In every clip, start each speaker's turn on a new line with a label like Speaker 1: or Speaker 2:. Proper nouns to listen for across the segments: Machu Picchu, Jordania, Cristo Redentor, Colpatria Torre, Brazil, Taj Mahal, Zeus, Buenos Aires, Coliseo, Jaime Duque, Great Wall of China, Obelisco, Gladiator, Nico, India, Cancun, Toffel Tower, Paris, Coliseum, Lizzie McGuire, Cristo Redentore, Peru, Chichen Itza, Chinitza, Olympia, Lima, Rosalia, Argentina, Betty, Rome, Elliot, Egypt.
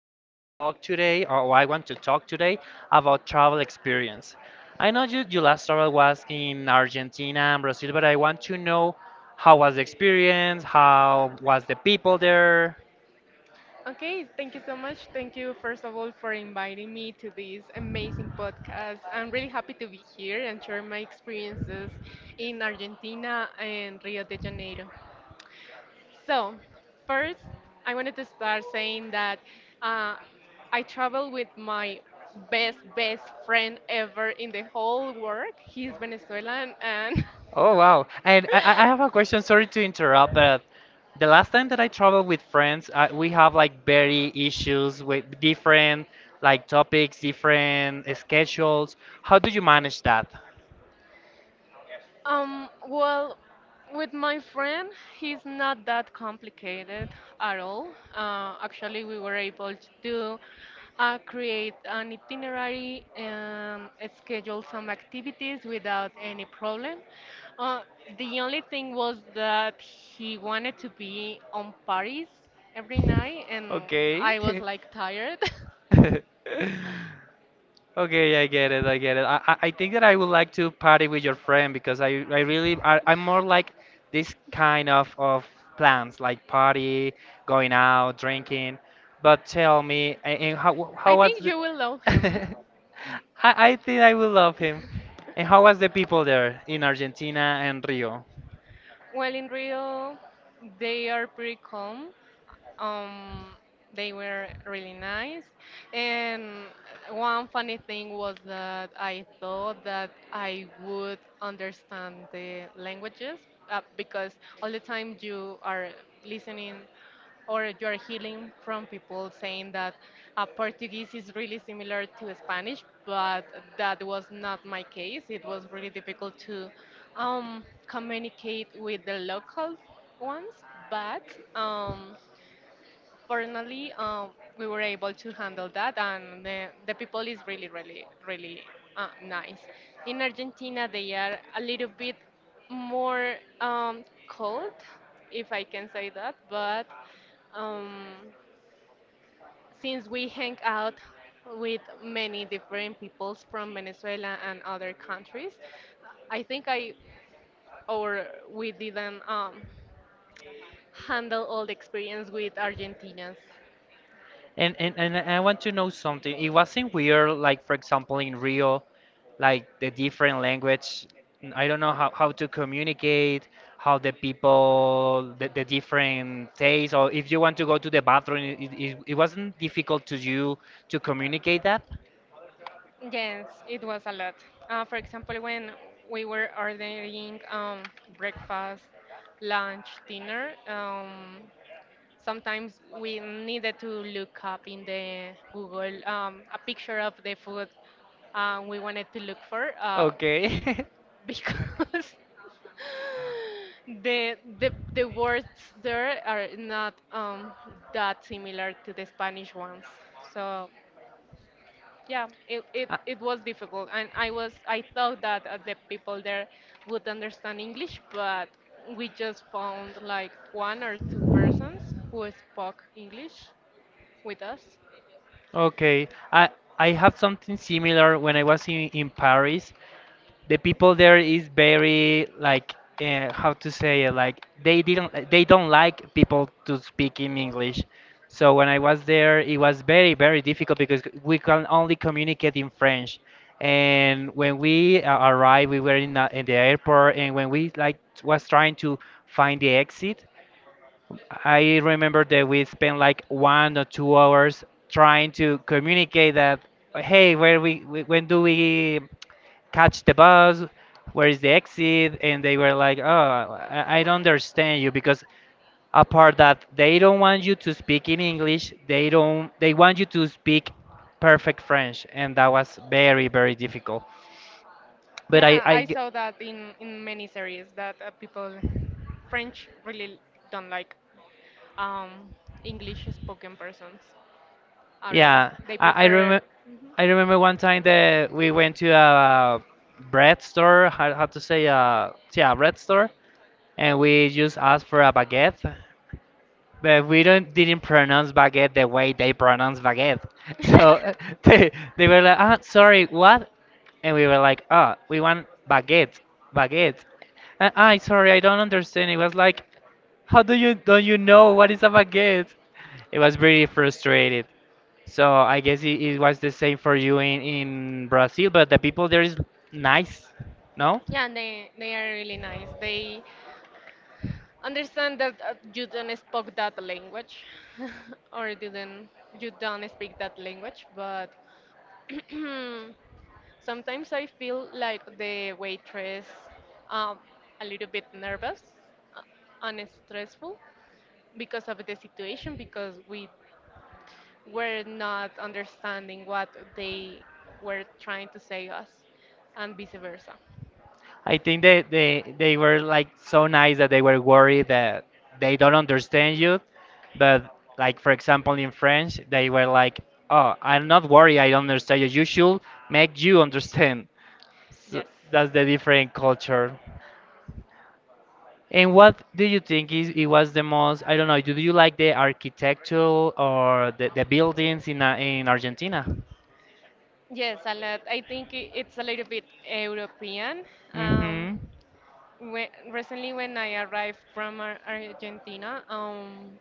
Speaker 1: going to talk today, or I want to talk today about travel experience. I know you, your last travel was in Argentina and Brazil, but I want to know how was the experience, how was the people there.
Speaker 2: Okay, thank you so much. Thank you, first of all, for inviting me to this amazing podcast. I'm really happy to be here and share my experiences in Argentina and Rio de Janeiro. So, first, I wanted to start saying that uh, I travel with my best friend ever in the whole world. He's Venezuelan and
Speaker 1: Oh wow! And I have a question. Sorry to interrupt, but the last time that I traveled with friends, we have like very issues with different like topics, different schedules. How do you manage that?
Speaker 2: Um, well, with my friend, he's not that complicated at all. Actually, we were able to create an itinerary and schedule some activities without any problem. Uh, the only thing was that he wanted to be on Paris every night, and
Speaker 1: Okay.
Speaker 2: I was like tired.
Speaker 1: Okay, I get it. I get it. I think that I would like to party with your friend because I really I'm more like this kind of plans like party, going out, drinking. But tell me, and how
Speaker 2: I
Speaker 1: how was
Speaker 2: think
Speaker 1: the.
Speaker 2: you will love him.
Speaker 1: I think I will love him. And how was the people there in Argentina and Rio?
Speaker 2: Well, in Rio, they are pretty calm. Um, they were really nice. And one funny thing was that I thought that I would understand the languages because all the time you are listening or you are hearing from people saying that Portuguese is really similar to Spanish, but that was not my case. It was really difficult to communicate with the local ones, but um, Fortunately, we were able to handle that, and the people is really, really, really nice. In Argentina, they are a little bit more cold, if I can say that, but um, since we hang out with many different peoples from Venezuela and other countries, I think I or we didn't handle all the experience with Argentinians.
Speaker 1: And I want to know something. It wasn't weird, like for example in Rio, like the different language. I don't know how to communicate, how the people, the different tastes, or if you want to go to the bathroom, it wasn't difficult to you to communicate that.
Speaker 2: Yes, it was a lot. For example, when we were ordering breakfast, lunch, dinner, sometimes we needed to look up in the Google a picture of the food we wanted to look for
Speaker 1: Okay.
Speaker 2: because the words there are not that similar to the Spanish ones. So yeah, it, it,
Speaker 1: Uh,
Speaker 2: it was difficult, and I thought that the people there would understand English, but we just found like one or two persons who spoke English with us.
Speaker 1: Okay, I have something similar when I was in Paris. The people there is very like how to say it, like they don't like people to speak in English. So when I was there it was very very difficult because we can only communicate in French, and when we arrived we were in the airport, and when we like was trying to find the exit. I remember that we spent like 1 or 2 hours trying to communicate that. Hey, where we when do we catch the bus, where is the exit? And they were like, oh, I don't understand you, because apart that they don't want you to speak in English, they don't they want you to speak perfect French, and that was very very difficult. But
Speaker 2: Yeah,
Speaker 1: I
Speaker 2: I
Speaker 1: g-
Speaker 2: saw that in many series that people French really don't like um, English spoken persons at all.
Speaker 1: Yeah,
Speaker 2: They
Speaker 1: I
Speaker 2: prefer.
Speaker 1: remember. I remember one time that we went to a bread store, how to say, yeah, bread store, and we just asked for a baguette. But we don't didn't pronounce baguette the way they pronounce baguette. So they, they were like, ah, sorry, what? And we were like, ah, we want baguette, baguette. And sorry, I don't understand. It was like, how do you don't you know what is a baguette? It was pretty frustrated. So I guess it was the same for you in Brazil, but the people there is nice, no?
Speaker 2: Yeah, and they are really nice. They understand that you don't speak that language or didn't you don't speak that language but sometimes I feel like the waitress um, a little bit nervous uh, and stressful because of the situation because we were not understanding what they were trying to say us and vice versa
Speaker 1: I think they were like so nice that they were worried that they don't understand you, but like for example in French they were like, "Oh, I'm not worried. I don't understand you. You should make you understand." So
Speaker 2: yes.
Speaker 1: that's the different culture. And what do you think is it was the most? I don't know. Do you like the architecture or the buildings in Argentina?
Speaker 2: Yes, a lot. I think it's a little bit European. Um,
Speaker 1: Mm-hmm.
Speaker 2: when, recently, when I arrived from Argentina,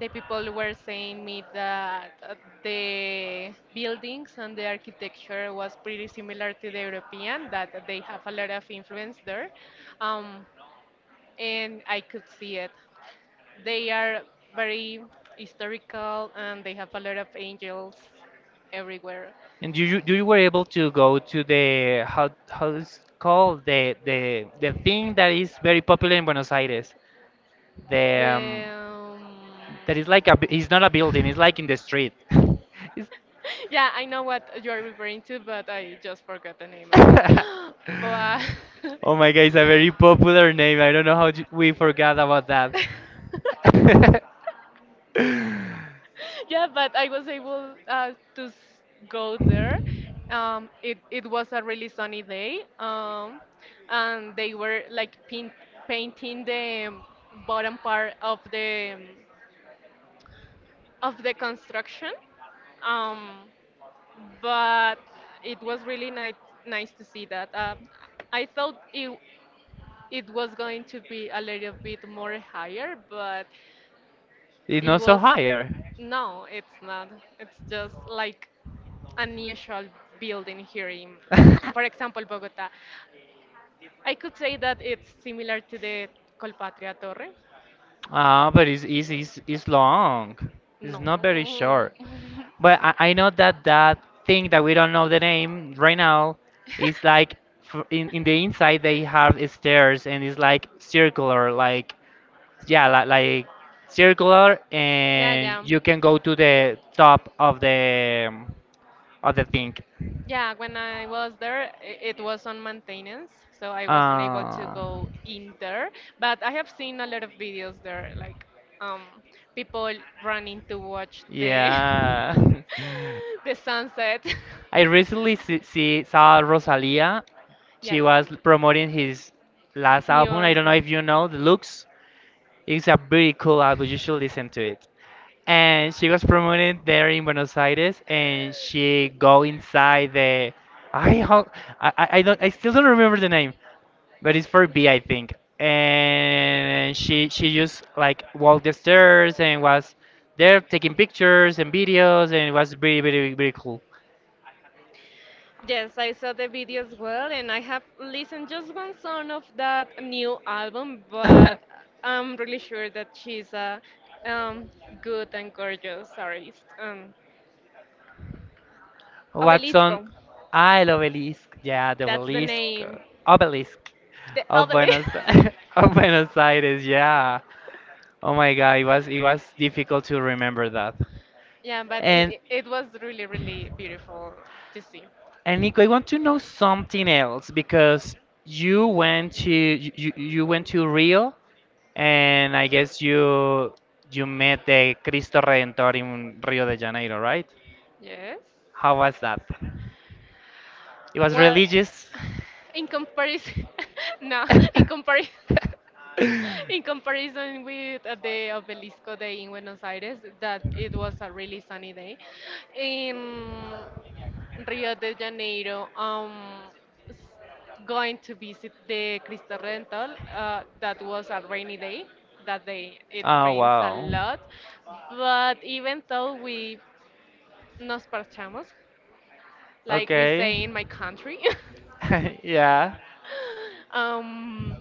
Speaker 2: the people were saying me that the buildings and the architecture was pretty similar to the European, that they have a lot of influence there. Um, and I could see it. They are very historical and they have a lot of angels everywhere.
Speaker 1: And you were able to go to the, how is it called, the thing that is very popular in Buenos Aires. The,
Speaker 2: The, um,
Speaker 1: that is like it's not a building. It's like in the street. It's-
Speaker 2: Yeah, I know what you are referring to, but I just forgot the name as well. But
Speaker 1: oh my God! It's a very popular name. I don't know how we forgot about that.
Speaker 2: yeah, but I was able go there. It it was a really sunny day, and they were like painting the bottom part of the construction. Um, but it was really nice to see that. I thought it was going to be a little bit more higher, but
Speaker 1: It's
Speaker 2: it
Speaker 1: not so
Speaker 2: was
Speaker 1: higher.
Speaker 2: no, it's not. It's just like unusual building here in, for example, Bogota. I could say that it's similar to the Colpatria Torre.
Speaker 1: Ah, but it's long. It's not very
Speaker 2: No.
Speaker 1: short. But I know that that thing that we don't know the name right now is like in the inside they have stairs, and it's like circular, like, yeah, like circular,
Speaker 2: Yeah,
Speaker 1: and
Speaker 2: yeah.
Speaker 1: you can go to the top of the thing.
Speaker 2: Yeah, when I was there, it was on maintenance, so I wasn't able to
Speaker 1: Uh,
Speaker 2: go in there. But I have seen a lot of videos there, like um, people running to watch the
Speaker 1: yeah.
Speaker 2: the sunset.
Speaker 1: I recently see, see saw Rosalia. She
Speaker 2: Yes,
Speaker 1: was promoting his last
Speaker 2: new
Speaker 1: album. I don't know
Speaker 2: album.
Speaker 1: if you know the looks. It's a very cool album. You should listen to, and she was promoted there in Buenos Aires, and she go inside the. I how I don't I still don't remember the name, but it's for B I think, and she just like walked the stairs and was there taking pictures and videos, and it was really really really cool.
Speaker 2: Yes, I saw the video as well, and I have listened just one song of that new album, but I'm really sure that she's a um, good and gorgeous artist. Obelisco,
Speaker 1: Watson, I love obelisk. Yeah, the
Speaker 2: that's the
Speaker 1: obelisk,
Speaker 2: name.
Speaker 1: obelisk
Speaker 2: The
Speaker 1: of
Speaker 2: obelisk.
Speaker 1: Buenos of Buenos Aires. Yeah. Oh my God, it was difficult to remember that.
Speaker 2: Yeah, but it,
Speaker 1: And
Speaker 2: it it was really, really beautiful to see.
Speaker 1: and Nico, I want to know something else because you went to Rio, and I guess you met the Cristo Redentor in Rio de Janeiro, right?
Speaker 2: Yes.
Speaker 1: How was that? It was
Speaker 2: Well,
Speaker 1: religious.
Speaker 2: in comparison, no, in comparison, in comparison with the Obelisco Day in Buenos Aires, that it was a really sunny day. In Rio de Janeiro, s- going to visit the Cristo Rental, that was a rainy day. That day it
Speaker 1: Oh
Speaker 2: rains a
Speaker 1: wow.
Speaker 2: lot, but even though we nos parchamos, like we say
Speaker 1: Okay.
Speaker 2: in my country.
Speaker 1: Yeah.
Speaker 2: Um,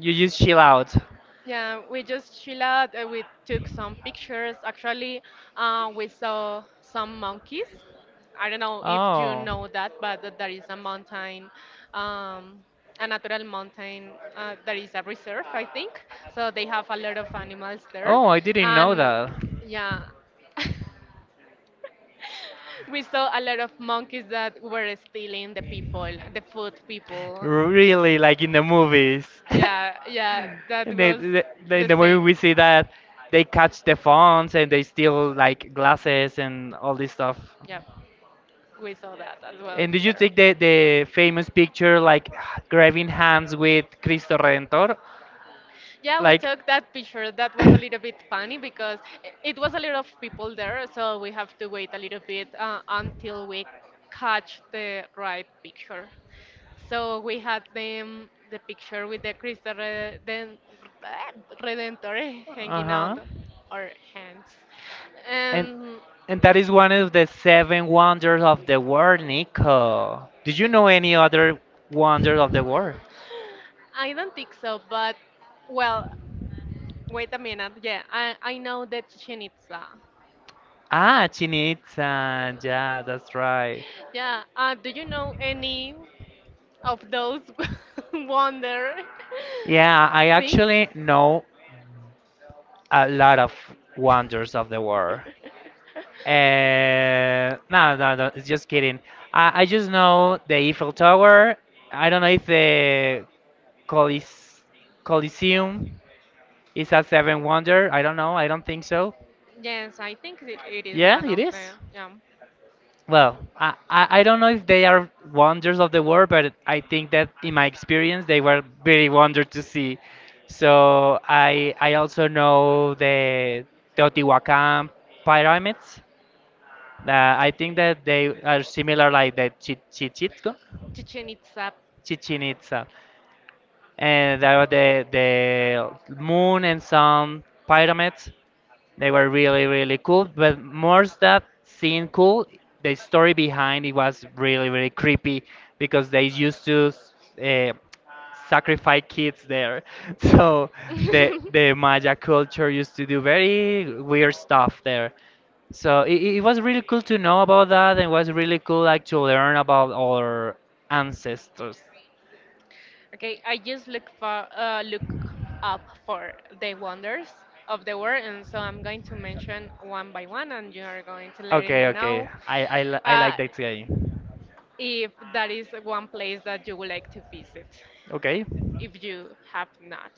Speaker 1: You just chill out.
Speaker 2: yeah, we just chill out. We took some pictures. Actually, we saw some monkeys. I don't know if you
Speaker 1: Oh.
Speaker 2: know that, but there is a mountain, um, a natural mountain. There is a reserve, I think. So they have a lot of animals there,
Speaker 1: Oh, I didn't know
Speaker 2: and
Speaker 1: that.
Speaker 2: yeah. We saw a lot of monkeys that were stealing the people, the food people.
Speaker 1: Really like in the movies.
Speaker 2: Yeah, yeah, that
Speaker 1: And
Speaker 2: was
Speaker 1: in
Speaker 2: the
Speaker 1: the movie
Speaker 2: same.
Speaker 1: we see that they catch the phones and they steal like glasses and all this stuff.
Speaker 2: Yeah. We saw that as well
Speaker 1: And did you
Speaker 2: there.
Speaker 1: take the famous picture like grabbing hands with Cristo Redentor?
Speaker 2: Yeah, we
Speaker 1: Like,
Speaker 2: took that picture. That was a little bit funny because it was a lot of people there, so we have to wait a little bit until we catch the right picture. So we had them the picture with the Redentore hanging
Speaker 1: uh-huh.
Speaker 2: out our hands.
Speaker 1: And
Speaker 2: Um,
Speaker 1: and that is one of the seven wonders of the world, Nico. Did you know any other wonders of the world?
Speaker 2: I don't think so, but well, wait a minute. Yeah, I know the Chichen Itza.
Speaker 1: Ah, Chinitza. Yeah, that's right.
Speaker 2: Yeah. Do you know any of those wonder
Speaker 1: Yeah, I
Speaker 2: things?
Speaker 1: actually know a lot of wonders of the world. No, no, no, it's just kidding. I just know the Eiffel Tower. I don't know if the Colise Coliseum is a seven wonder. I don't know. I don't think so.
Speaker 2: Yes, I think it it is
Speaker 1: Yeah,
Speaker 2: one
Speaker 1: it
Speaker 2: of
Speaker 1: is.
Speaker 2: them. Yeah.
Speaker 1: Well, I don't know if they are wonders of the world, but I think that in my experience they were very wonder to see. So I also know the Teotihuacan pyramids. Uh, I think that they are similar like the Chichitko,
Speaker 2: Chichen Itza.
Speaker 1: Chichen Itza, and there are the moon and sun pyramids. They were really, really cool, but more that seeing cool, the story behind it was really, really creepy because they used to uh, sacrifice kids there. So the Maya culture used to do very weird stuff there. So it was really cool to know about that, and was really cool like to learn about our ancestors.
Speaker 2: Okay, I just look for look up for the wonders of the world, and so I'm going to mention one by one, and you are going to let me
Speaker 1: Okay, okay,
Speaker 2: know
Speaker 1: I
Speaker 2: uh,
Speaker 1: like that game.
Speaker 2: if that is one place that you would like to visit,
Speaker 1: Okay.
Speaker 2: if you have not.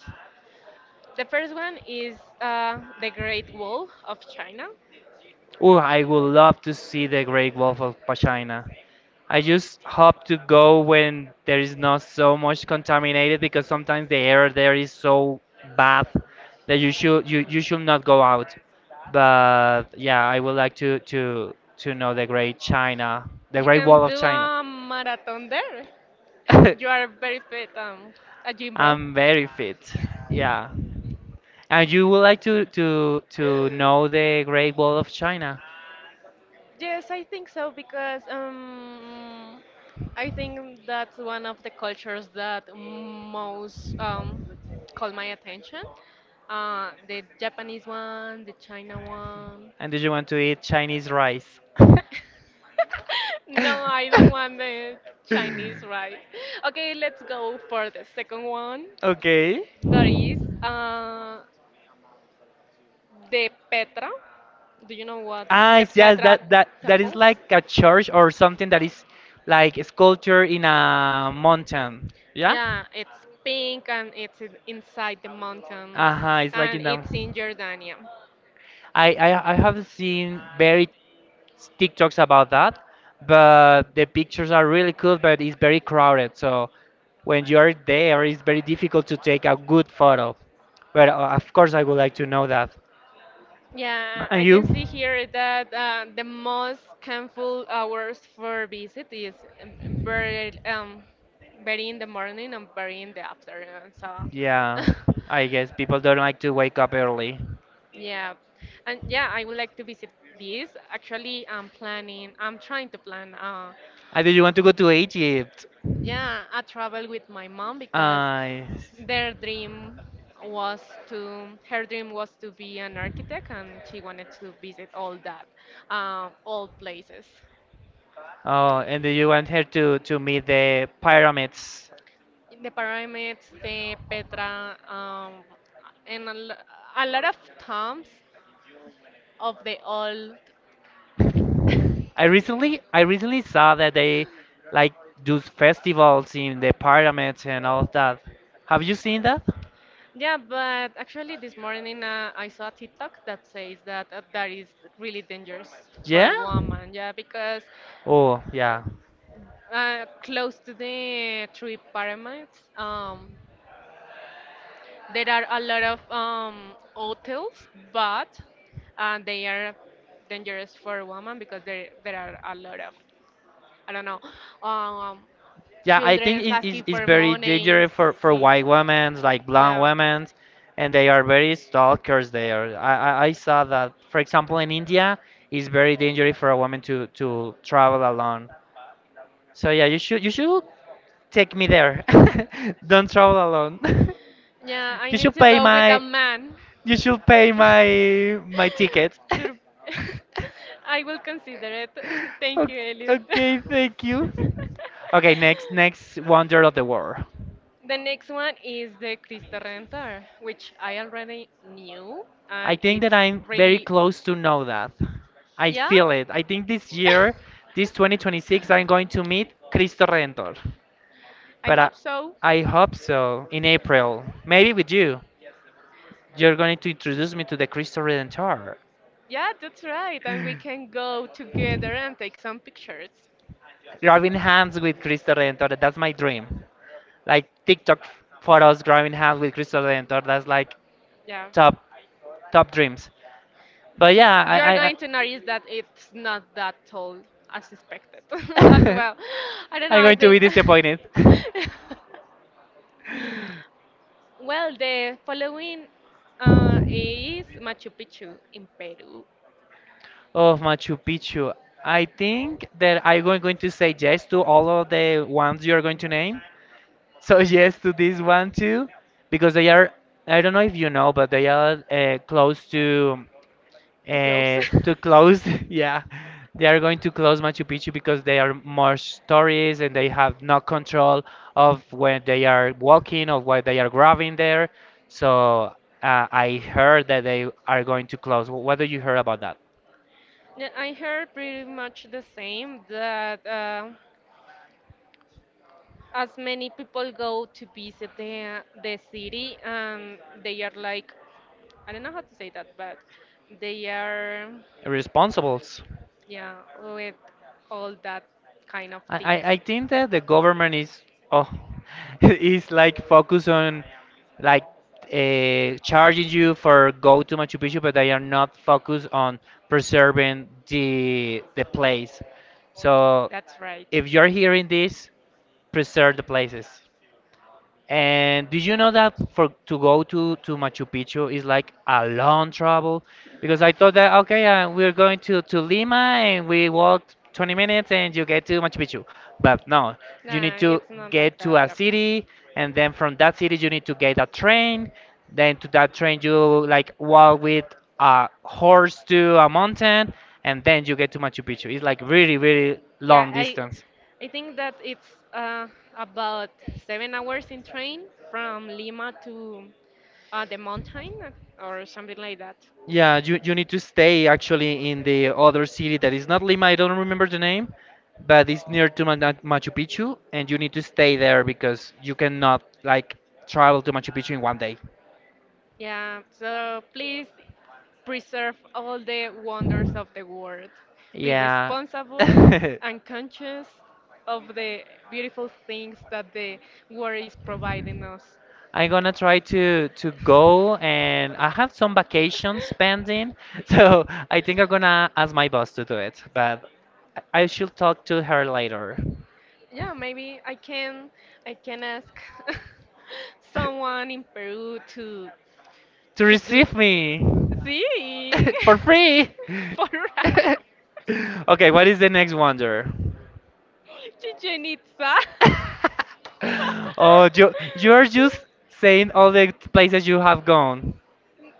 Speaker 2: The first one is the Great Wall of China.
Speaker 1: Oh, I would love to see the Great Wolf of Pachina. I just hope to go when there is not so much contaminated because sometimes the air there is so bad that you should not go out. But yeah, I would like to know the Great China, the
Speaker 2: You
Speaker 1: Great
Speaker 2: can
Speaker 1: Wall of
Speaker 2: do
Speaker 1: China.
Speaker 2: a marathon there. You are very fit, a gym bro.
Speaker 1: I'm very fit. Yeah. And you would like to know the Great Wall of China.
Speaker 2: Yes, I think so because I think that's one of the cultures that most call my attention. The Japanese one, the China one.
Speaker 1: And did you want to eat Chinese rice?
Speaker 2: No, I don't want the Chinese rice. Okay, let's go for the second one.
Speaker 1: Okay.
Speaker 2: That is the Petra. Do you know what
Speaker 1: Ah,
Speaker 2: the
Speaker 1: it's just
Speaker 2: Petra
Speaker 1: that that is
Speaker 2: temples?
Speaker 1: like a church or something that is like a sculpture in a mountain. Yeah?
Speaker 2: Yeah, it's pink and it's inside the mountain
Speaker 1: Uh-huh, it's like
Speaker 2: and
Speaker 1: in the.
Speaker 2: it's in Jordania.
Speaker 1: I have seen very TikToks about that, but the pictures are really cool, but it's very crowded. So when you are there, it's very difficult to take a good photo. But of course, I would like to know that.
Speaker 2: Yeah,
Speaker 1: And
Speaker 2: I can
Speaker 1: you?
Speaker 2: see here that the most harmful hours for visit is um, very, um, very in the morning and very in the afternoon. So,
Speaker 1: Yeah, I guess people don't like to wake up early.
Speaker 2: yeah, and yeah, I would like to visit this. Actually, I'm planning, I'm trying to plan.
Speaker 1: And do you want to go to Egypt?
Speaker 2: Yeah, I traveled with my mom because
Speaker 1: I see.
Speaker 2: their dream was to her dream was to be an architect and she wanted to visit all that all places:
Speaker 1: Oh, and do you want her to meet the pyramids?
Speaker 2: the pyramids, the Petra, and a lot of tombs of the old.
Speaker 1: I recently saw that they like do festivals in the pyramids and all of that. Have you seen that?
Speaker 2: Yeah, but actually this morning I saw a TikTok that says that that is really dangerous
Speaker 1: Yeah?
Speaker 2: for woman, yeah, because
Speaker 1: Oh, yeah.
Speaker 2: close to the three pyramids. Um, there are a lot of hotels, but they are dangerous for women because there are a lot of I don't know um,
Speaker 1: Yeah, I think
Speaker 2: children
Speaker 1: it is
Speaker 2: asking
Speaker 1: it's
Speaker 2: for
Speaker 1: very
Speaker 2: money.
Speaker 1: dangerous for
Speaker 2: See,
Speaker 1: white women, like blonde
Speaker 2: yeah.
Speaker 1: women, and they are very stalkers there. I saw that. For example, in India, it's very dangerous for a woman to travel alone. So yeah, you should take me there. Don't travel alone.
Speaker 2: Yeah, I
Speaker 1: you
Speaker 2: need
Speaker 1: should
Speaker 2: to
Speaker 1: pay
Speaker 2: go with a
Speaker 1: my
Speaker 2: man.
Speaker 1: you should pay my my ticket.
Speaker 2: Tur- I will consider it. Thank
Speaker 1: O-
Speaker 2: you, Elliot.
Speaker 1: okay, thank you. Okay, next wonder of the world.
Speaker 2: The next one is the Cristo Redentor, which I already knew,
Speaker 1: I
Speaker 2: and
Speaker 1: think that
Speaker 2: it's
Speaker 1: I'm very
Speaker 2: really,
Speaker 1: close to know that. I
Speaker 2: yeah.
Speaker 1: feel it. I think this year, this 2026, I'm going to meet Cristo Redentor.
Speaker 2: I
Speaker 1: But I,
Speaker 2: hope so.
Speaker 1: I hope so in April. Maybe with you. You're going to introduce me to the Cristo Redentor.
Speaker 2: Yeah, that's right. And we can go together and take some pictures.
Speaker 1: Grabbing hands with Cristo Redentor. That's my dream. Like TikTok photos, grabbing hands with Cristo Redentor. That's like
Speaker 2: Yeah.
Speaker 1: top top dreams. But yeah,
Speaker 2: You are
Speaker 1: I I,
Speaker 2: going to notice that it's not that tall as expected as
Speaker 1: I
Speaker 2: well. I don't know,
Speaker 1: I'm
Speaker 2: I
Speaker 1: going to be
Speaker 2: think.
Speaker 1: disappointed.
Speaker 2: Well, the following is Machu Picchu in Peru.
Speaker 1: Oh, Machu Picchu. I think that I'm going to say yes to all of the ones you're going to name. So yes to this one too, because they are. I don't know if you know, but they are close
Speaker 2: Too close.
Speaker 1: to close, yeah, they are going to close Machu Picchu because they are more stories and they have no control of when they are walking or what they are grabbing there. So I heard that they are going to close. What do you hear about that?
Speaker 2: Yeah, I heard pretty much the same that as many people go to visit the city, they are like, I don't know how to say that, but they are,
Speaker 1: Responsibles.
Speaker 2: yeah, with all that kind of
Speaker 1: I,
Speaker 2: things.
Speaker 1: I I think that the government is oh is like focused on like charging you for go to Machu Picchu, but they are not focused on preserving the place. So
Speaker 2: That's right.
Speaker 1: if you're hearing this, preserve the places. And did you know that for to go to Machu Picchu is like a long travel? Because I thought that okay, we're going to Lima and we walk 20 minutes and you get to Machu Picchu. But no, you need
Speaker 2: Nah,
Speaker 1: to
Speaker 2: it's not like
Speaker 1: get to
Speaker 2: that.
Speaker 1: a
Speaker 2: Yep.
Speaker 1: city and then from that city you need to get a train. Then to that train you like walk with a horse to a mountain and then you get to Machu Picchu. It's like really
Speaker 2: Yeah,
Speaker 1: long
Speaker 2: I
Speaker 1: distance.
Speaker 2: I think that it's uh, about 7 hours in train from Lima to the mountain or something like that.
Speaker 1: Yeah, you need to stay actually in the other city that is not Lima, I don't remember the name, but it's near to Machu Picchu, and you need to stay there because you cannot like travel to Machu Picchu in one day.
Speaker 2: Yeah, so please preserve all the wonders of the world. Be
Speaker 1: Yeah.
Speaker 2: responsible and conscious of the beautiful things that the world is providing us.
Speaker 1: I'm gonna try to go and I have some vacations pending, so I think I'm gonna ask my boss to do it, but I should talk to her later.
Speaker 2: Yeah, maybe I can ask someone in Peru
Speaker 1: To
Speaker 2: to do.
Speaker 1: receive me.
Speaker 2: Sí,
Speaker 1: For free.
Speaker 2: por
Speaker 1: Okay, what is the next wonder?
Speaker 2: Chichen Itza.
Speaker 1: Oh, you're just saying all the places you have gone,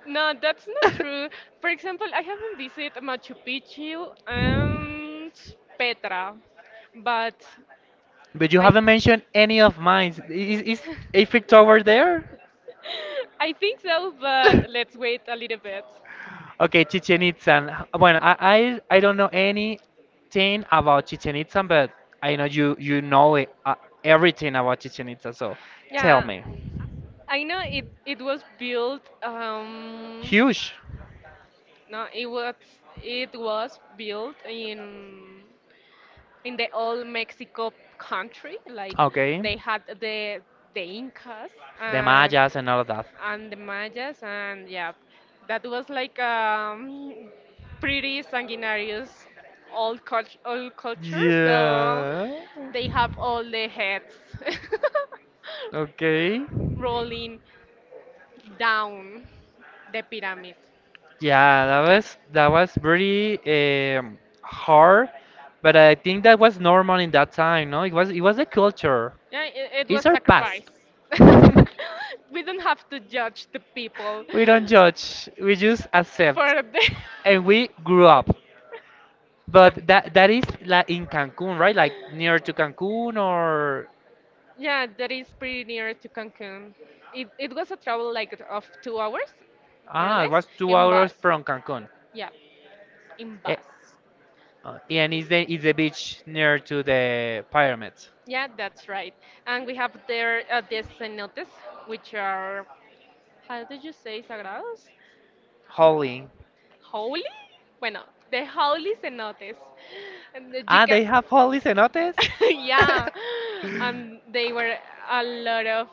Speaker 2: No, that's not true. For example, I haven't visited Machu Picchu and Petra, but
Speaker 1: but you
Speaker 2: I
Speaker 1: haven't mentioned any of mine. Is Eiffel Tower there?
Speaker 2: I think so, but let's wait a little bit.
Speaker 1: Okay, Chichen Itza. Well, I don't know anything about Chichen Itza, but I know you know it, everything about Chichen Itza. So tell
Speaker 2: Yeah,
Speaker 1: me.
Speaker 2: I know it, it was built
Speaker 1: Huge.
Speaker 2: no it was it was built in the old Mexico country like
Speaker 1: Okay.
Speaker 2: they had the Incas
Speaker 1: The
Speaker 2: and
Speaker 1: Mayas and all of that.
Speaker 2: and the Mayas, and yeah, that was like pretty sanguinarious old culture. So
Speaker 1: Yeah.
Speaker 2: they have all the heads
Speaker 1: Okay.
Speaker 2: rolling down the pyramid.
Speaker 1: Yeah, that was pretty hard, but I think that was normal in that time, no? It was the culture.
Speaker 2: Yeah, it
Speaker 1: It's
Speaker 2: was
Speaker 1: our
Speaker 2: sacrifice.
Speaker 1: past.
Speaker 2: We don't have to judge the people
Speaker 1: We don't judge. We just accept,
Speaker 2: for the.
Speaker 1: and we grew up. But that is like in Cancun, right? Like near to Cancun, or
Speaker 2: Yeah, that is pretty near to Cancun. It was a travel like of 2 hours, more or
Speaker 1: ah, it
Speaker 2: less,
Speaker 1: was two
Speaker 2: in
Speaker 1: hours
Speaker 2: bus.
Speaker 1: from Cancun.
Speaker 2: Yeah, in
Speaker 1: Eh,
Speaker 2: bus.
Speaker 1: and is the beach near to the pyramids?
Speaker 2: Yeah, that's right. And we have there the cenotes, which are, how did you say, sagrados?
Speaker 1: Holly.
Speaker 2: Holy? Bueno, the holy cenotes. And you
Speaker 1: Ah,
Speaker 2: can,
Speaker 1: they have Holly cenotes.
Speaker 2: yeah, and they were a lot of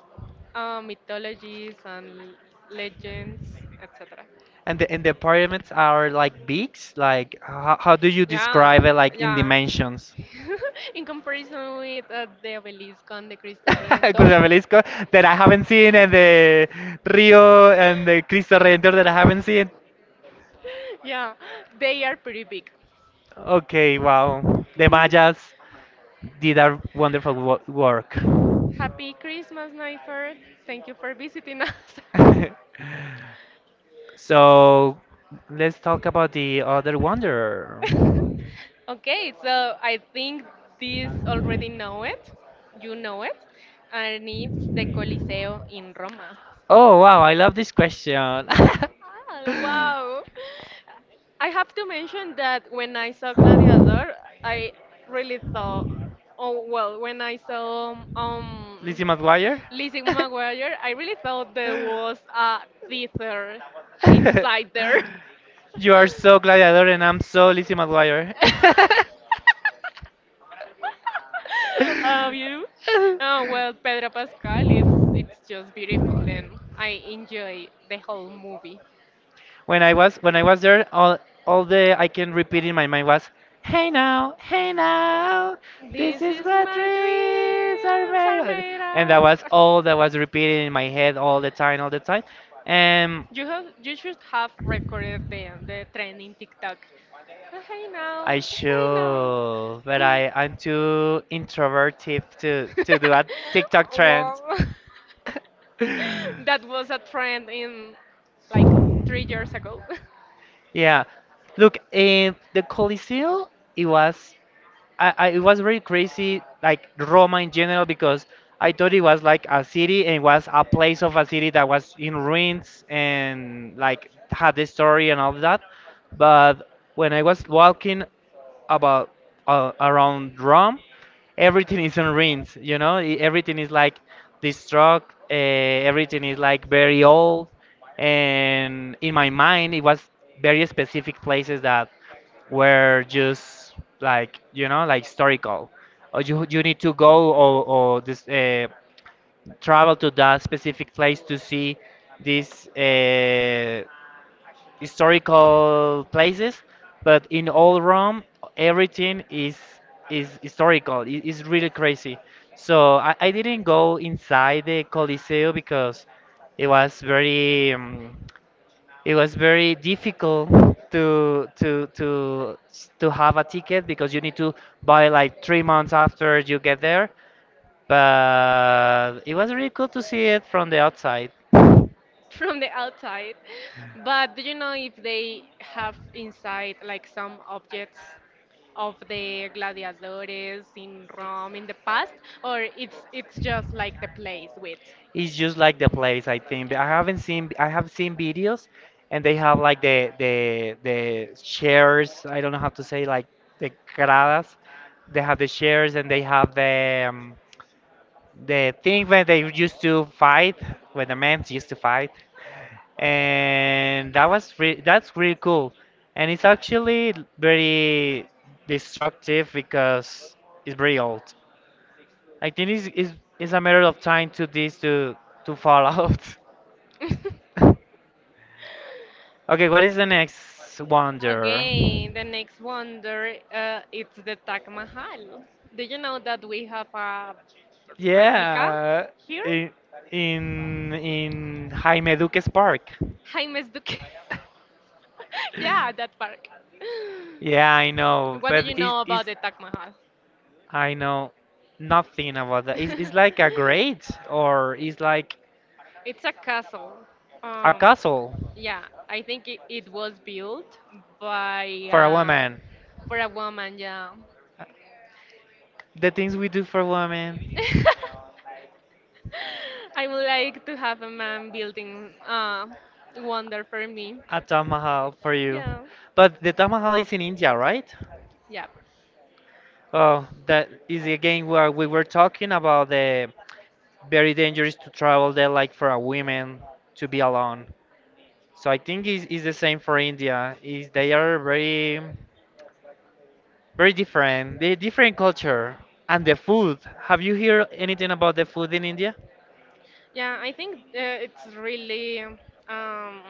Speaker 2: mythologies and legends, etc.
Speaker 1: And and the pyramids are like bigs? Like, how do you
Speaker 2: Yeah,
Speaker 1: describe it, like, in
Speaker 2: yeah.
Speaker 1: dimensions?
Speaker 2: In comparison with the obelisk and the Cristo Redentor,
Speaker 1: Cuscamelisco that I haven't seen, and the Rio and the Cristo Redentor that I haven't seen.
Speaker 2: yeah, they are pretty big.
Speaker 1: Okay, wow. The
Speaker 2: Mm.
Speaker 1: Mayas did a wonderful work.
Speaker 2: Happy Christmas, Nifer. Thank you for visiting us.
Speaker 1: So, let's talk about the other wonder.
Speaker 2: Okay, so I think this already know it. You know it, and it's the Coliseo in Roma.
Speaker 1: Oh, wow, I love this question.
Speaker 2: Ah, wow. I have to mention that when I saw Gladiator, I really thought, oh well, when I saw
Speaker 1: Lizzie McGuire?
Speaker 2: Lizzie McGuire, I really thought there was a theater inside there.
Speaker 1: You are so gladiator and I'm so Lizzie McGuire.
Speaker 2: Have you? Oh well, Pedro Pascal, it's just beautiful, and I enjoy the whole movie.
Speaker 1: When I was there, all the I can repeat in my mind was, "Hey now, hey now, this
Speaker 2: This
Speaker 1: is
Speaker 2: is
Speaker 1: what
Speaker 2: my
Speaker 1: dreams are
Speaker 2: dreams are
Speaker 1: made." of."
Speaker 2: made
Speaker 1: And that
Speaker 2: up.
Speaker 1: was all that was repeated in my head all the time, all the time. And
Speaker 2: You have you should have recorded the trend in TikTok. Hey now,
Speaker 1: I
Speaker 2: hey now.
Speaker 1: should, but I'm too introverted to do a TikTok trend.
Speaker 2: Wow. That was a trend in like 3 years ago.
Speaker 1: Yeah. Look, eh, the Coliseo, it was I it was really crazy like Roma in general because I thought it was like a city and it was a place of a city that was in ruins and like had the story and all that. But when I was walking about around Rome, everything is in ruins. You know, everything is like destroyed. Uh, Everything is like very old. And in my mind, it was very specific places that were just like you know like historical or you need to go or this travel to that specific place to see these historical places, but in all Rome everything is historical. It is really crazy. So I didn't go inside the Coliseo because it was very um, it was very difficult to to have a ticket because you need to buy like 3 months after you get there. But it was really cool to see it from the outside.
Speaker 2: from the outside. But do you know if they have inside like some objects of the gladiadores in Rome in the past, or it's just like the place with?
Speaker 1: It's just like the place, I think.
Speaker 2: Okay.
Speaker 1: I haven't seen, I have seen videos, and they have like the chairs. I don't know how to say like the gradas. They have the chairs and they have the thing where they used to fight, where the men used to fight, and that was that's really cool. And it's actually very destructive because it's very old. I think it's a matter of time to this to fall out. Okay, what is the next wonder?
Speaker 2: Okay, the next wonder it's the Taj Mahal. Do you know that we have a replica
Speaker 1: Yeah.
Speaker 2: here?
Speaker 1: in in Jaime Duques Park.
Speaker 2: Jaime Duque. yeah, that park.
Speaker 1: Yeah, I know,
Speaker 2: What do you
Speaker 1: but
Speaker 2: know
Speaker 1: it's
Speaker 2: about the Taj Mahal?
Speaker 1: I know nothing about that. It's like a grate or it's like
Speaker 2: it's a castle.
Speaker 1: a
Speaker 2: Um,
Speaker 1: castle
Speaker 2: yeah, I think it was built by
Speaker 1: for a
Speaker 2: uh,
Speaker 1: woman.
Speaker 2: for a woman. Yeah.
Speaker 1: The things we do for women.
Speaker 2: I would like to have a man building wonder for me.
Speaker 1: A Taj Mahal for you.
Speaker 2: Yeah,
Speaker 1: But the Taj Mahal is in India, right?
Speaker 2: yeah,
Speaker 1: Oh, that is again where we were talking about the very dangerous to travel there, like for a woman to be alone. So I think it's the same for India. Is they are very different. They different culture and the food. Have you heard anything about the food in India?
Speaker 2: yeah. I think it's really um,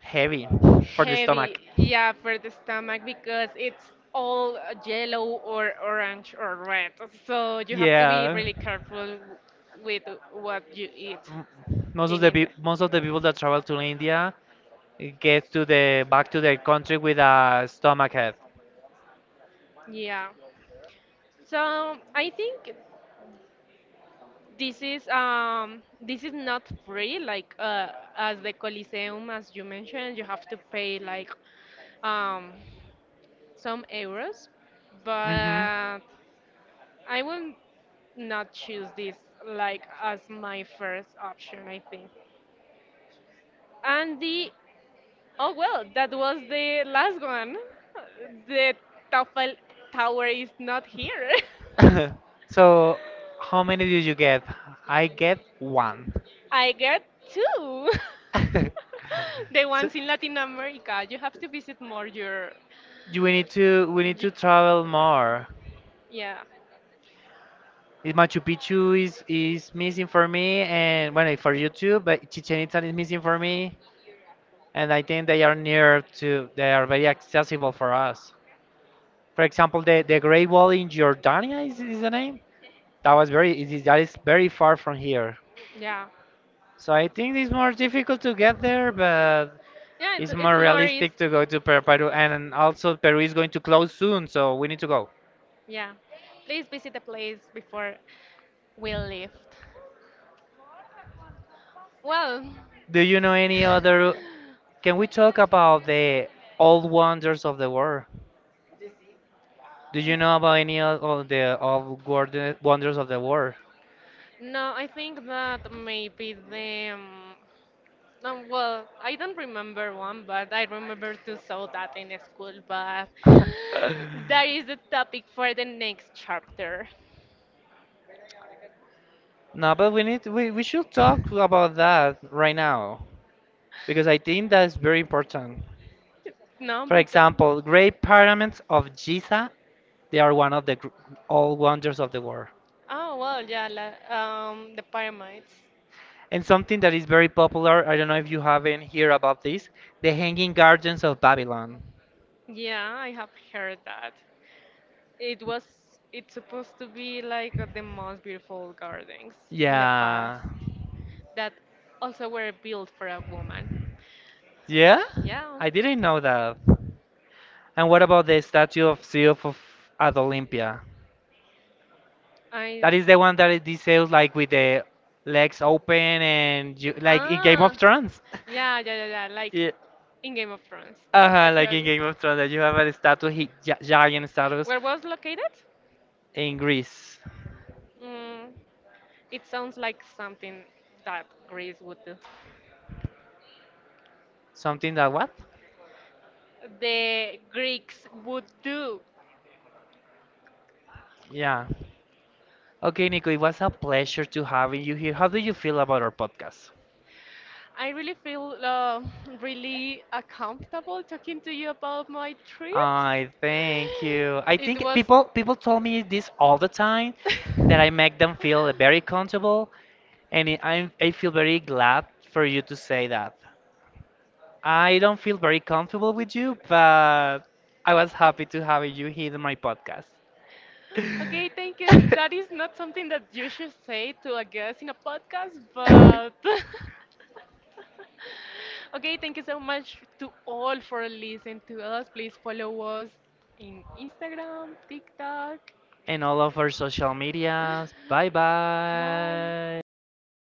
Speaker 1: Heavy for the
Speaker 2: Heavy,
Speaker 1: stomach.
Speaker 2: yeah, for the stomach because it's all yellow or orange or red. So you have to be
Speaker 1: Yeah.
Speaker 2: really careful with what you eat
Speaker 1: m- Most of
Speaker 2: in
Speaker 1: the
Speaker 2: India.
Speaker 1: most of the people that travel to India eh, get to the back to their country with a stomach head.
Speaker 2: Yeah. So I think this is not free like as the Coliseum as you mentioned you have to pay like um some euros
Speaker 1: Hmm.
Speaker 2: but I will not choose this like as my first option, I think. And the oh well, that was the last one. The Toffel Tower is not here.
Speaker 1: So how many did you get? I get one.
Speaker 2: I get two. the
Speaker 1: So
Speaker 2: ones in Latin America. You have to visit more your,
Speaker 1: we need
Speaker 2: y-
Speaker 1: to travel more.
Speaker 2: yeah,
Speaker 1: Eh, Machu Picchu is missing for me, and well, eh, for you too. But Chichen Itza is missing for me, and I think they are very accessible for us. For example, the Great Wall in Jordania is the name. That was very It is that is very far from here.
Speaker 2: yeah,
Speaker 1: So I think it's more difficult to get there, but
Speaker 2: yeah.
Speaker 1: it's
Speaker 2: It's
Speaker 1: more
Speaker 2: it more is
Speaker 1: realistic to go to Peru. And also Peru is going to close soon, so we need to go.
Speaker 2: yeah. Please visit the place before we leave. Well,
Speaker 1: Do you know any other? Can we talk about the old wonders of the world? Do you know about any of the old wonders of the world?
Speaker 2: no, I think that maybe the. Well, I don't remember one, but I remember to saw that in school. But that is the topic for the next chapter.
Speaker 1: No, but we should talk about that right now, because I think that's very important.
Speaker 2: No,
Speaker 1: For
Speaker 2: because
Speaker 1: example, Great Pyramids of Giza, they are one of the all wonders of the world.
Speaker 2: oh well, yeah, la, the pyramids.
Speaker 1: And something that is very popular, I don't know if you haven't heard about this, the Hanging Gardens of Babylon.
Speaker 2: Yeah, I have heard that. It was it's supposed to be like the most beautiful gardens in the
Speaker 1: Yeah.
Speaker 2: past that also were built for a woman.
Speaker 1: Yeah?
Speaker 2: Yeah.
Speaker 1: I didn't know that. And what about the statue of Zeus of, at Olympia?
Speaker 2: I
Speaker 1: That is the one that is detailed like with the legs open and you, like in Game of
Speaker 2: Ah.
Speaker 1: Thrones.
Speaker 2: Yeah, yeah, yeah, yeah, like
Speaker 1: Yeah.
Speaker 2: in Game of Thrones,
Speaker 1: Uh-huh, like in
Speaker 2: actually.
Speaker 1: Game of Thrones, that you have a statue, he, giant statues
Speaker 2: Where was located?
Speaker 1: in Greece.
Speaker 2: Mm, it sounds like something that Greece would do.
Speaker 1: Something that what?
Speaker 2: The Greeks would do.
Speaker 1: Yeah. Okay, Nico, it was a pleasure to having you here. How do you feel about our podcast?
Speaker 2: I really feel really comfortable talking to you about my trips.
Speaker 1: I thank you. I
Speaker 2: It
Speaker 1: think
Speaker 2: was.
Speaker 1: people told me this all the time that I make them feel very comfortable, and I feel very glad for you to say that. I don't feel very comfortable with you, but I was happy to have you here in my podcast.
Speaker 2: Okay, thank you. That is not something that you should say to a guest in a podcast, but okay, thank you so much to all for listening to us. Please follow us in Instagram, TikTok.
Speaker 1: And all of our social medias. Bye
Speaker 2: Bye.
Speaker 1: bye.